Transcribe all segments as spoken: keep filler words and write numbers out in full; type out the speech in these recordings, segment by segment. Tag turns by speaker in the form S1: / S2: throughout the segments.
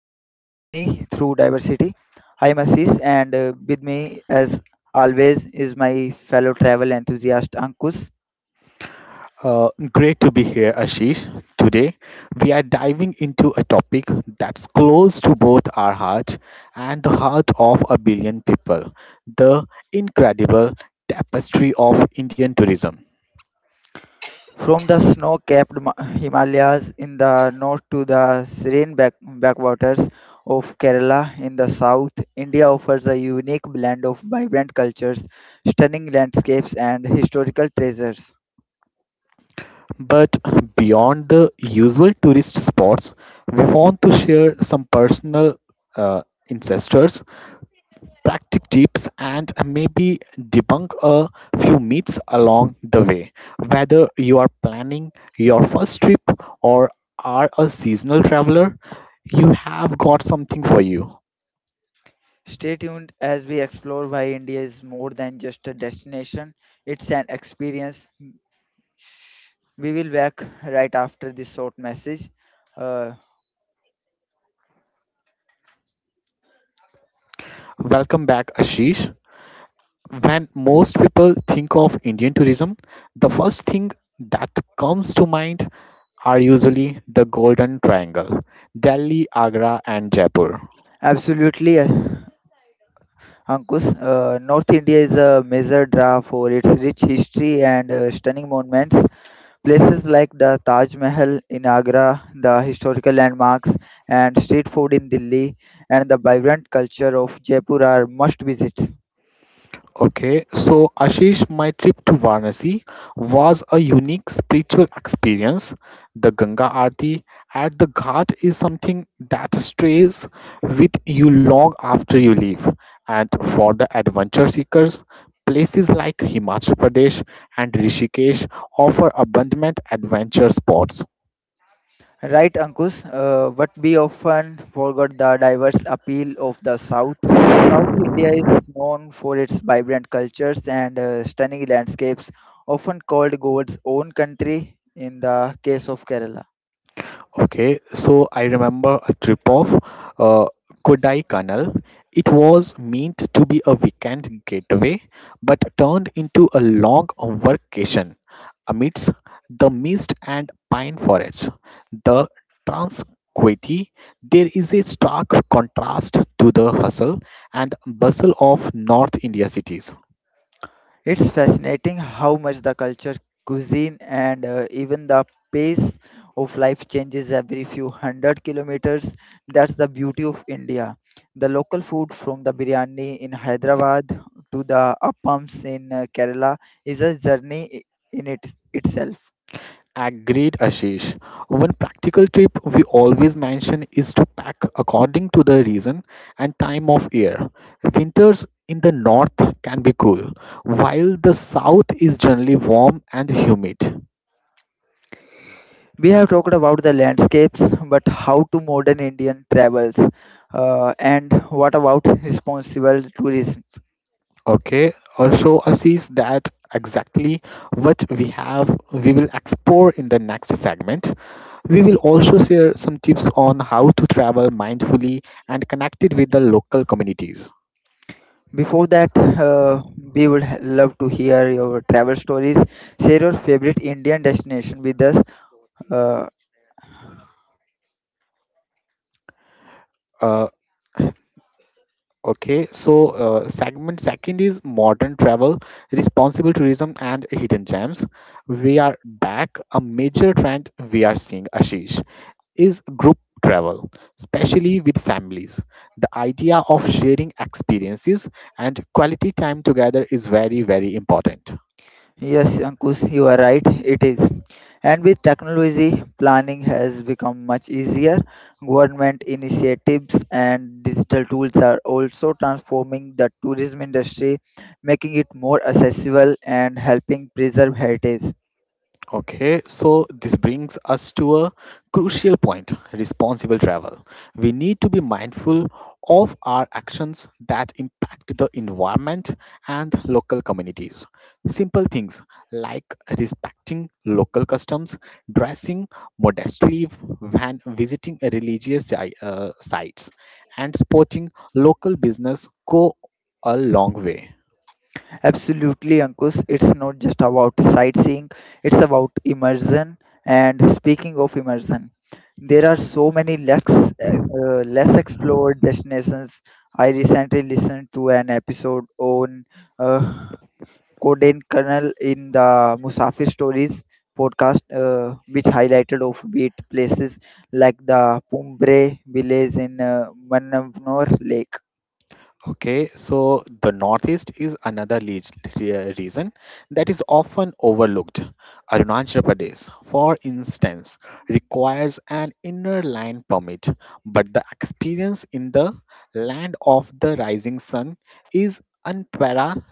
S1: journey through diversity. I am Assis and uh, with me as always is my fellow travel enthusiast Ankush.
S2: Uh, great to be here, Ashish. Today, we are diving into a topic that's close to both our hearts and the heart of a billion people the incredible tapestry of Indian tourism.
S1: From the snow-capped Himalayas in the north to the serene back- backwaters of Kerala in the south, India offers a unique blend of vibrant cultures, stunning landscapes and historical treasures.
S2: But beyond the usual tourist spots, we want to share some personal uh, insights practical tips and maybe debunk a few myths along the way. Whether you are planning your first trip or are a seasonal traveler, you have got something for you.
S1: Stay tuned as we explore why India is more than just a destination, it's an experience. We will back right after this short message. Uh,
S2: Welcome back, Ashish. When most people think of Indian tourism, the first thing that comes to mind are usually the Golden Triangle Delhi, Agra, and Jaipur.
S1: absolutely, uh, Ankush. Uh, North India is a major draw for its rich history and uh, stunning monuments. Places like the Taj Mahal in Agra, the historical landmarks and street food in Delhi, and the vibrant culture of Jaipur are must visits.
S2: Okay, so Ashish, my trip to Varanasi was a unique spiritual experience. The Ganga Aarti at the Ghat is something that stays with you long after you leave. And for the adventure seekers, places like Himachal Pradesh and Rishikesh offer abundant adventure spots.
S1: Right, Ankush. Uh, but we often forget the diverse appeal of the South. South India is known for its vibrant cultures and uh, stunning landscapes, often called God's own country in the case of Kerala.
S2: Okay, so I remember a trip of uh, Kodai Canal. It was meant to be a weekend getaway, but turned into a long vacation amidst the mist and pine forests. The tranquility there is a stark contrast to the hustle and bustle of North India cities.
S1: It's fascinating how much the culture, cuisine, and uh, even the pace of life changes every few hundred kilometers. That's the beauty of India. The local food, from the biryani in Hyderabad to the appams in uh, Kerala, is a journey i- in it, itself.
S2: Agreed, Ashish. One practical tip we always mention is to pack according to the region and time of year. Winters in the north can be cool, while the south is generally warm and humid.
S1: We have talked about the landscapes, but how to modern Indian travels, uh, and what about responsible tourism?
S2: Okay, also, Ashish, that exactly what we have, we will explore in the next segment. We will also share some tips on how to travel mindfully and connected with the local communities.
S1: Before that, uh, we would h- love to hear your travel stories. Share your favorite Indian destination with us. Uh,
S2: Uh, Okay, so uh, segment second is modern travel, responsible tourism, and hidden gems. We are back. A major trend we are seeing, Ashish, is group travel, especially with families. The idea of sharing experiences and quality time together is very, very important.
S1: yes, Ankush, you are right. It is. And with technology, planning has become much easier. Government initiatives and digital tools are also transforming the tourism industry, making it more accessible and helping preserve heritage.
S2: Okay, so this brings us to a crucial point responsible travel. We need to be mindful of our actions that impact the environment and local communities. Simple things like respecting local customs, dressing modestly when visiting religious si- uh, sites, and supporting local business go a long way.
S1: Absolutely, Ankush. It's not just about sightseeing, it's about immersion. And speaking of immersion, there are so many less, uh, less explored destinations. I recently listened to an episode on uh, Kodaikanal in the Musafir Stories podcast, uh, which highlighted offbeat places like the Pumbre village in uh, Mannanor Lake.
S2: Okay, so the Northeast is another lead, re- reason that is often overlooked. Arunachal Pradesh, for instance, requires an inner line permit, but the experience in the land of the rising sun is unpara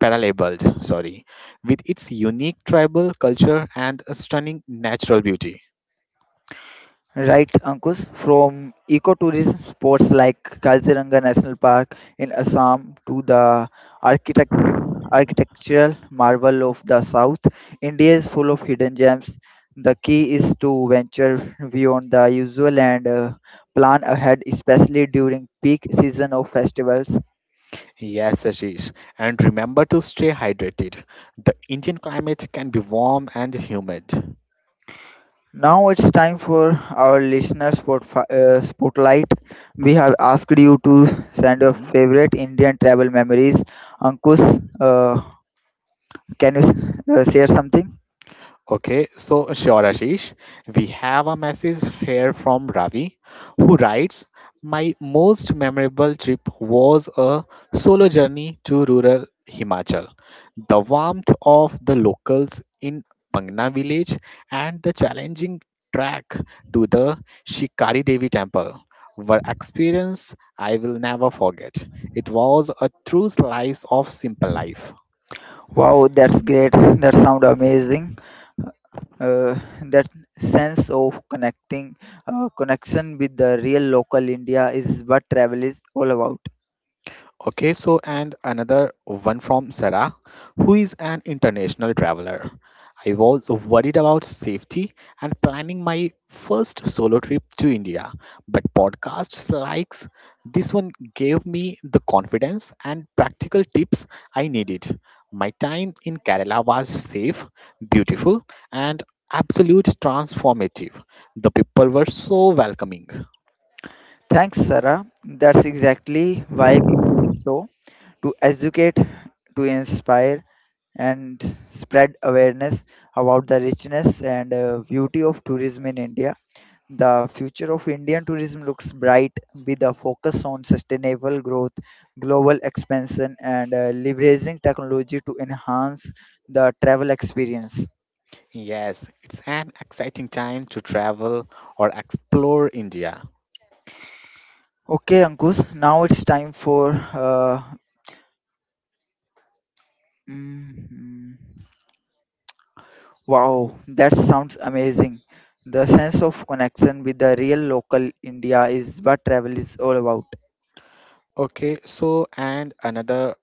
S2: paralleled, sorry, with its unique tribal culture and stunning natural beauty.
S1: Right, Ankush, from ecotourism spots like Kaziranga National Park in Assam to the architect architectural marvel of the south, India is full of hidden gems. The key is to venture beyond the usual and uh, plan ahead, especially during peak season of festivals.
S2: Yes, Ashish. And remember to stay hydrated. The Indian climate can be warm and humid.
S1: Now it's time for our listener spot, uh, spotlight. We have asked you to send your
S2: Mhm.
S1: favorite Indian travel memories. Ankush, uh, can you uh, share something?
S2: Okay, so sure, Ashish. We have a message here from Ravi who writes my most memorable trip was a solo journey to rural Himachal. The warmth of the locals in Pangna village and the challenging trek to the Shikari Devi temple were experience I will never forget. It was a true slice of simple life.
S1: Wow, that's great. That sound amazing. Uh, that sense of connecting, uh, connection with the real local India is what travel is all about.
S2: Okay, so and another one from Sarah, who is an international traveler. I was worried about safety and planning my first solo trip to India, but podcasts like this one gave me the confidence and practical tips I needed. My time in Kerala was safe, beautiful, and absolute transformative. The people were so welcoming.
S1: Thanks, Sarah. That's exactly why we do so, to educate, to inspire and spread awareness about the richness and uh, beauty of tourism in India. The future of Indian tourism looks bright with a focus on sustainable growth, global expansion, and uh, leveraging technology to enhance the travel experience.
S2: Yes, it's an exciting time to travel or explore India.
S1: Okay, Ankush, now it's time for. Uh, mm, wow, that sounds amazing. The sense of connection with the real local India is what travel is all about.
S2: Okay, so and another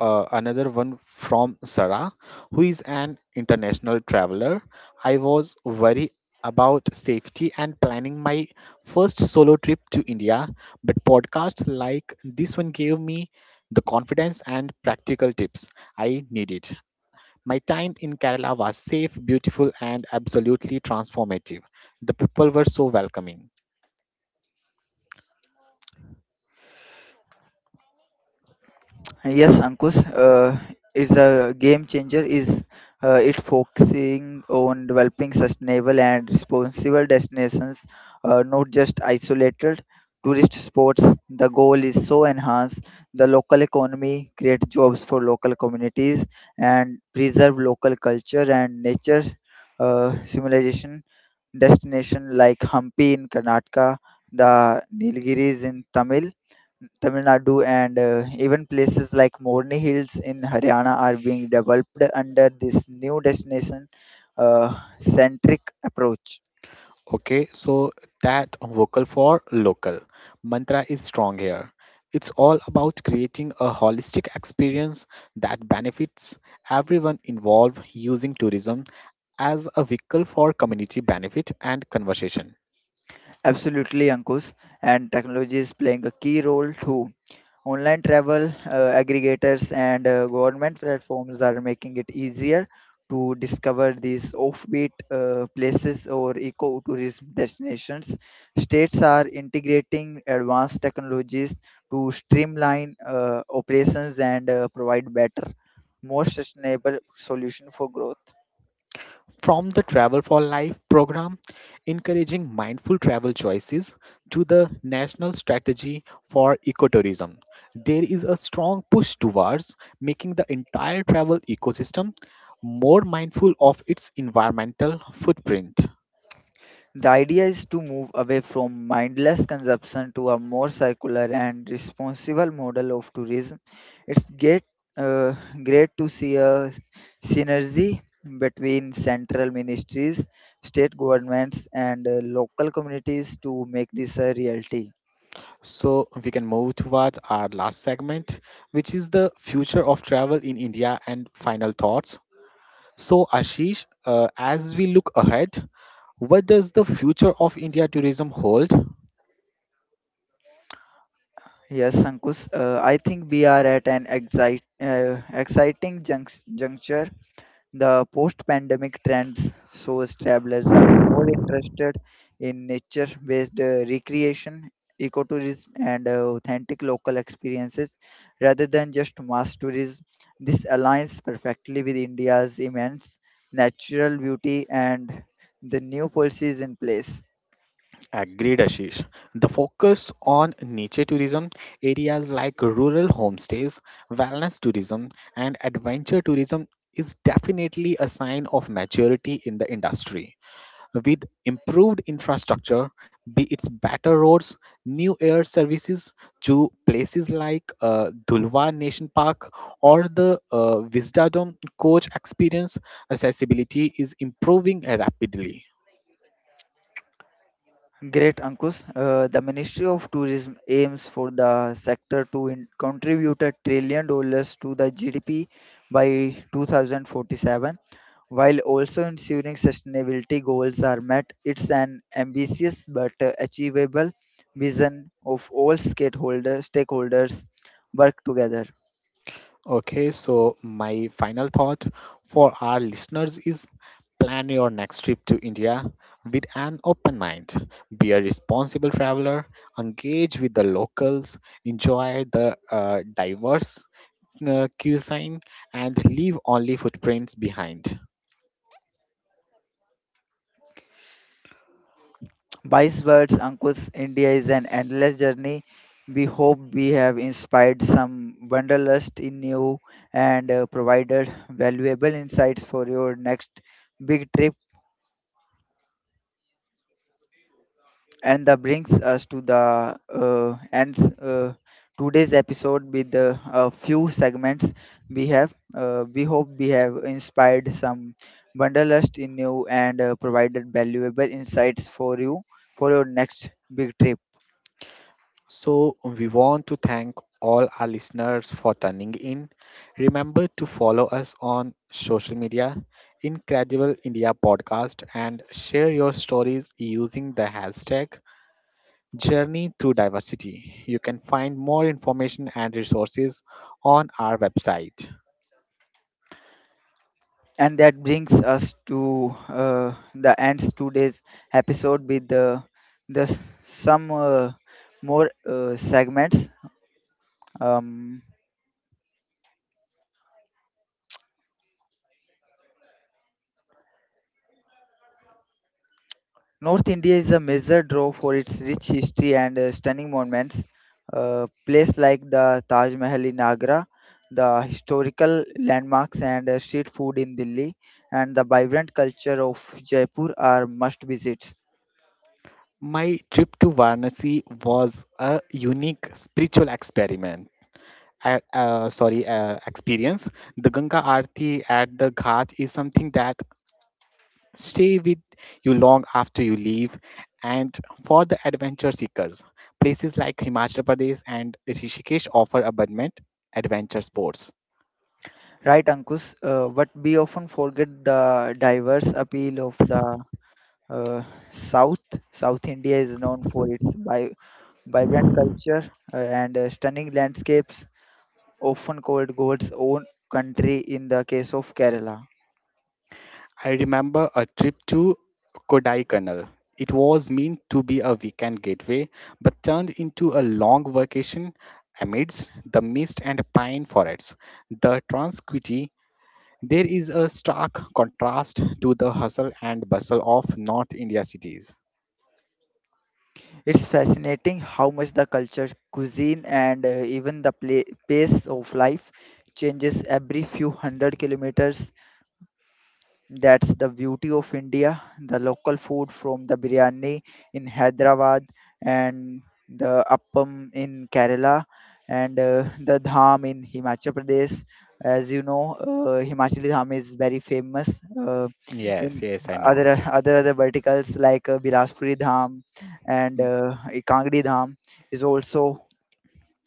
S2: uh, another one from Sarah, who is an international traveler. I was worried about safety and planning my first solo trip to India, but podcasts like this one gave me the confidence and practical tips I needed. My time in Kerala was safe, beautiful, and absolutely transformative. The people were so welcoming.
S1: Yes, Ankush, uh, it's a game changer. Is uh, it focusing on developing sustainable and responsible destinations, uh, not just isolated tourist spots. The goal is so enhance the local economy, create jobs for local communities, and preserve local culture and nature, uh, civilization destination like Hampi in Karnataka, the Nilgiris in Tamil, Tamil Nadu, and uh, even places like Morni Hills in Haryana are being developed under this new destination uh, centric approach.
S2: Okay, so that vocal for local mantra is strong here. It's all about creating a holistic experience that benefits everyone involved using tourism as a vehicle for community benefit and conversation.
S1: Absolutely, Ankush, and technology is playing a key role too. Online travel uh, aggregators and uh, government platforms are making it easier to discover these offbeat uh, places or ecotourism destinations. States are integrating advanced technologies to streamline uh, operations and uh, provide better, more sustainable solution for growth.
S2: From the Travel for Life program encouraging mindful travel choices to the national strategy for ecotourism, there is a strong push towards making the entire travel ecosystem more mindful of its environmental footprint.
S1: The idea is to move away from mindless consumption to a more circular and responsible model of tourism. It's great, uh, great to see a synergy between central ministries, state governments, and uh, local communities to make this a reality.
S2: So we can move towards our last segment, which is the future of travel in India and final thoughts. So Ashish, uh, as we look ahead, what does the future of India tourism hold?
S1: Yes, Ankush, uh, I think we are at an excite, uh, exciting junct- juncture. The post-pandemic trends shows travelers are more interested in nature-based uh, recreation, ecotourism, and uh, authentic local experiences rather than just mass tourism. This aligns perfectly with India's immense natural beauty and the new policies in place.
S2: Agreed, Ashish. The focus on nature tourism, areas like rural homestays, wellness tourism, and adventure tourism is definitely a sign of maturity in the industry. With improved infrastructure, be it better roads, new air services to places like uh, Dulwa Nation Park or the uh, Wisdom Coach experience, accessibility is improving rapidly.
S1: Great, Ankush. Uh, the Ministry of Tourism aims for the sector to in- contribute a trillion dollars to the G D P by twenty forty-seven. While also ensuring sustainability goals are met, it's an ambitious but uh, achievable vision of all stakeholder, stakeholders work together.
S2: Okay, so my final thought for our listeners is plan your next trip to India with an open mind. Be a responsible traveler, engage with the locals, enjoy the uh, diverse uh, cuisine, and leave only footprints behind.
S1: By his words, Ankush, India is an endless journey. We hope we have inspired some wanderlust in you and uh, provided valuable insights for your next big trip, and that brings us to the uh, end uh, today's episode with uh, a few segments we have uh, we hope we have inspired some wanderlust in you and uh, provided valuable insights for you for your next big trip
S2: So, we want to thank all our listeners for tuning in. Remember to follow us on social media, Incredible India Podcast, and share your stories using the hashtag Journey Through Diversity. You can find more information and resources on our website.
S1: and that brings us to uh, the ends today's episode with the the s- some uh, more uh, segments. um, North India is a measured draw for its rich history and uh, stunning monuments. Uh, places like the Taj Mahal in Agra, the historical landmarks and uh, street food in Delhi, and the vibrant culture of Jaipur are must visits.
S2: My trip to Varanasi was a unique spiritual experiment. I- uh, sorry, uh, experience. The Ganga Aarti at the Ghat is something that stay with you long after you leave. And for the adventure seekers, places like Himachal Pradesh and Rishikesh offer abundant adventure sports.
S1: Right, Ankush? Uh, but we often forget the diverse appeal of the uh, South. South India is known for its vi- vibrant culture uh, and uh, stunning landscapes often called God's own country in the case of Kerala.
S2: I remember a trip to Kodaikanal. It was meant to be a weekend getaway, but turned into a long vacation amidst the mist and pine forests. The tranquility there is a stark contrast to the hustle and bustle of North India cities.
S1: It's fascinating how much the culture, cuisine, and uh, even the pla pace of life changes every few hundred kilometers. That's the beauty of India. The local food from the biryani in Hyderabad and the appam in Kerala and uh, the dham in Himachal Pradesh. As you know, uh, Himachali dham is very famous uh,
S2: Yes,
S1: in
S2: yes, I
S1: other
S2: know.
S1: other other verticals like uh, Bilaspuri dham and uh, Kangdi dham is also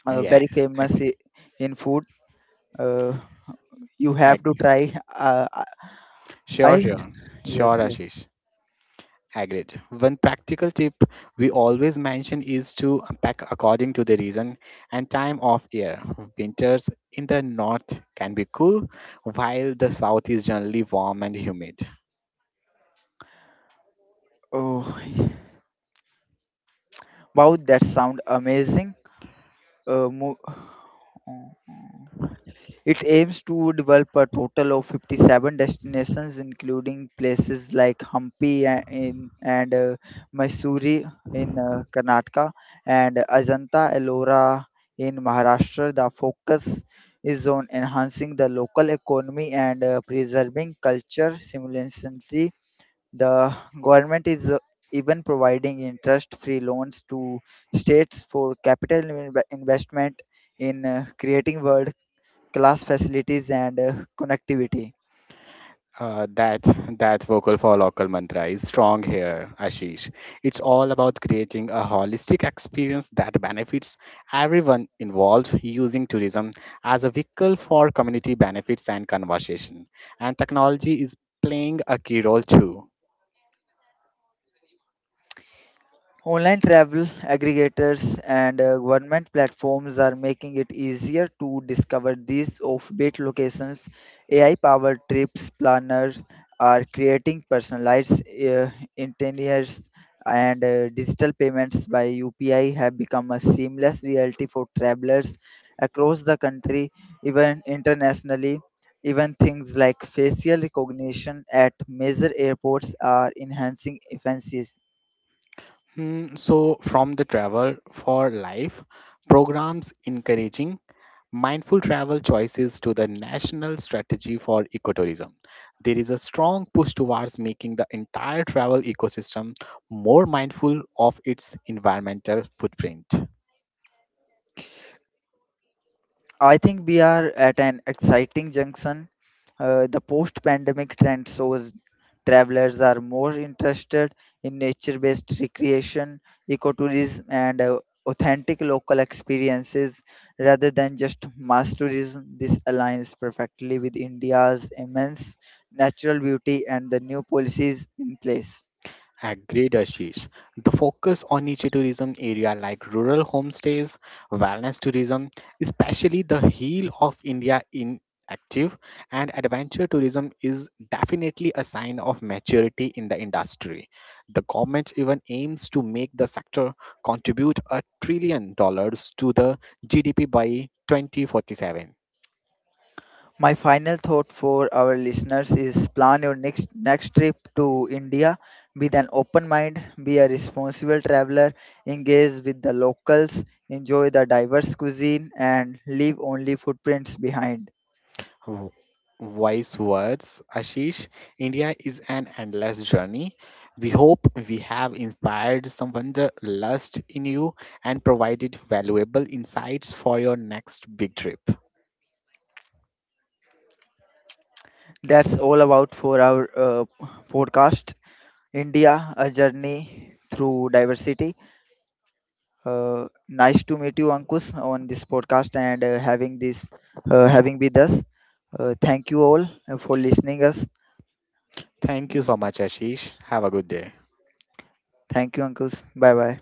S1: uh, very
S2: Yes,
S1: famous i-
S2: agree.
S1: in food. Uh, you have to
S2: Agree.
S1: try. Uh, I
S2: Sure,
S1: I-
S2: sure.
S1: yes,
S2: Sure,
S1: yes.
S2: Ashish. Agreed. One practical tip we always mention is to pack according to the reason and time of year. Winters in the north can be cool, while the south is generally warm and humid.
S1: Oh, wow, that sound amazing. Uh, mo- uh, it aims to develop a total of fifty-seven destinations, including places like Hampi a- in, and uh, Mysore in uh, Karnataka and Ajanta Ellora in Maharashtra. The focus is on enhancing the local economy and uh, preserving culture simultaneously. The government is uh, even providing interest-free loans to states for capital inve- investment in uh, creating world-class facilities and uh, connectivity.
S2: Uh, that that vocal for local mantra is strong here, Ashish. It's all about creating a holistic experience that benefits everyone involved, using tourism as a vehicle for community benefits and conversation. And technology is playing a key role too.
S1: Online travel aggregators and uh, government platforms are making it easier to discover these offbeat locations. A I powered trips planners are creating personalized uh, itineraries, and uh, digital payments by U P I have become a seamless reality for travelers across the country, even internationally. Even things like facial recognition at major airports are enhancing efficiency.
S2: Hmm, so, from the Travel for Life programs encouraging mindful travel choices to the national strategy for ecotourism. There is a strong push towards making the entire travel ecosystem more mindful of its environmental footprint.
S1: I think we are at an exciting junction. Uh, the post-pandemic trend shows travelers are more interested in nature-based recreation, ecotourism, and uh, authentic local experiences rather than just mass tourism. This aligns perfectly with India's immense natural beauty and the new policies in place.
S2: Agreed, Ashish. The focus on niche tourism area like rural homestays, wellness tourism, especially the heel of India in active, and adventure tourism is definitely a sign of maturity in the industry. The government even aims to make the sector contribute a trillion dollars to the G D P by twenty forty-seven.
S1: My final thought for our listeners is plan your next next trip to India with an open mind, be a responsible traveler, engage with the locals, enjoy the diverse cuisine and leave only footprints behind.
S2: W- Wise words, Ashish. India is an endless journey. We hope we have inspired some wanderlust in you and provided valuable insights for your next big trip.
S1: That's all about for our uh, podcast India, a journey through diversity. Uh, nice to meet you Ankush on this podcast and uh, having this uh, having with us. Uh, thank you all uh, for listening us.
S2: Thank you so much, Ashish. Have a good day.
S1: Thank you, uncles. Bye bye.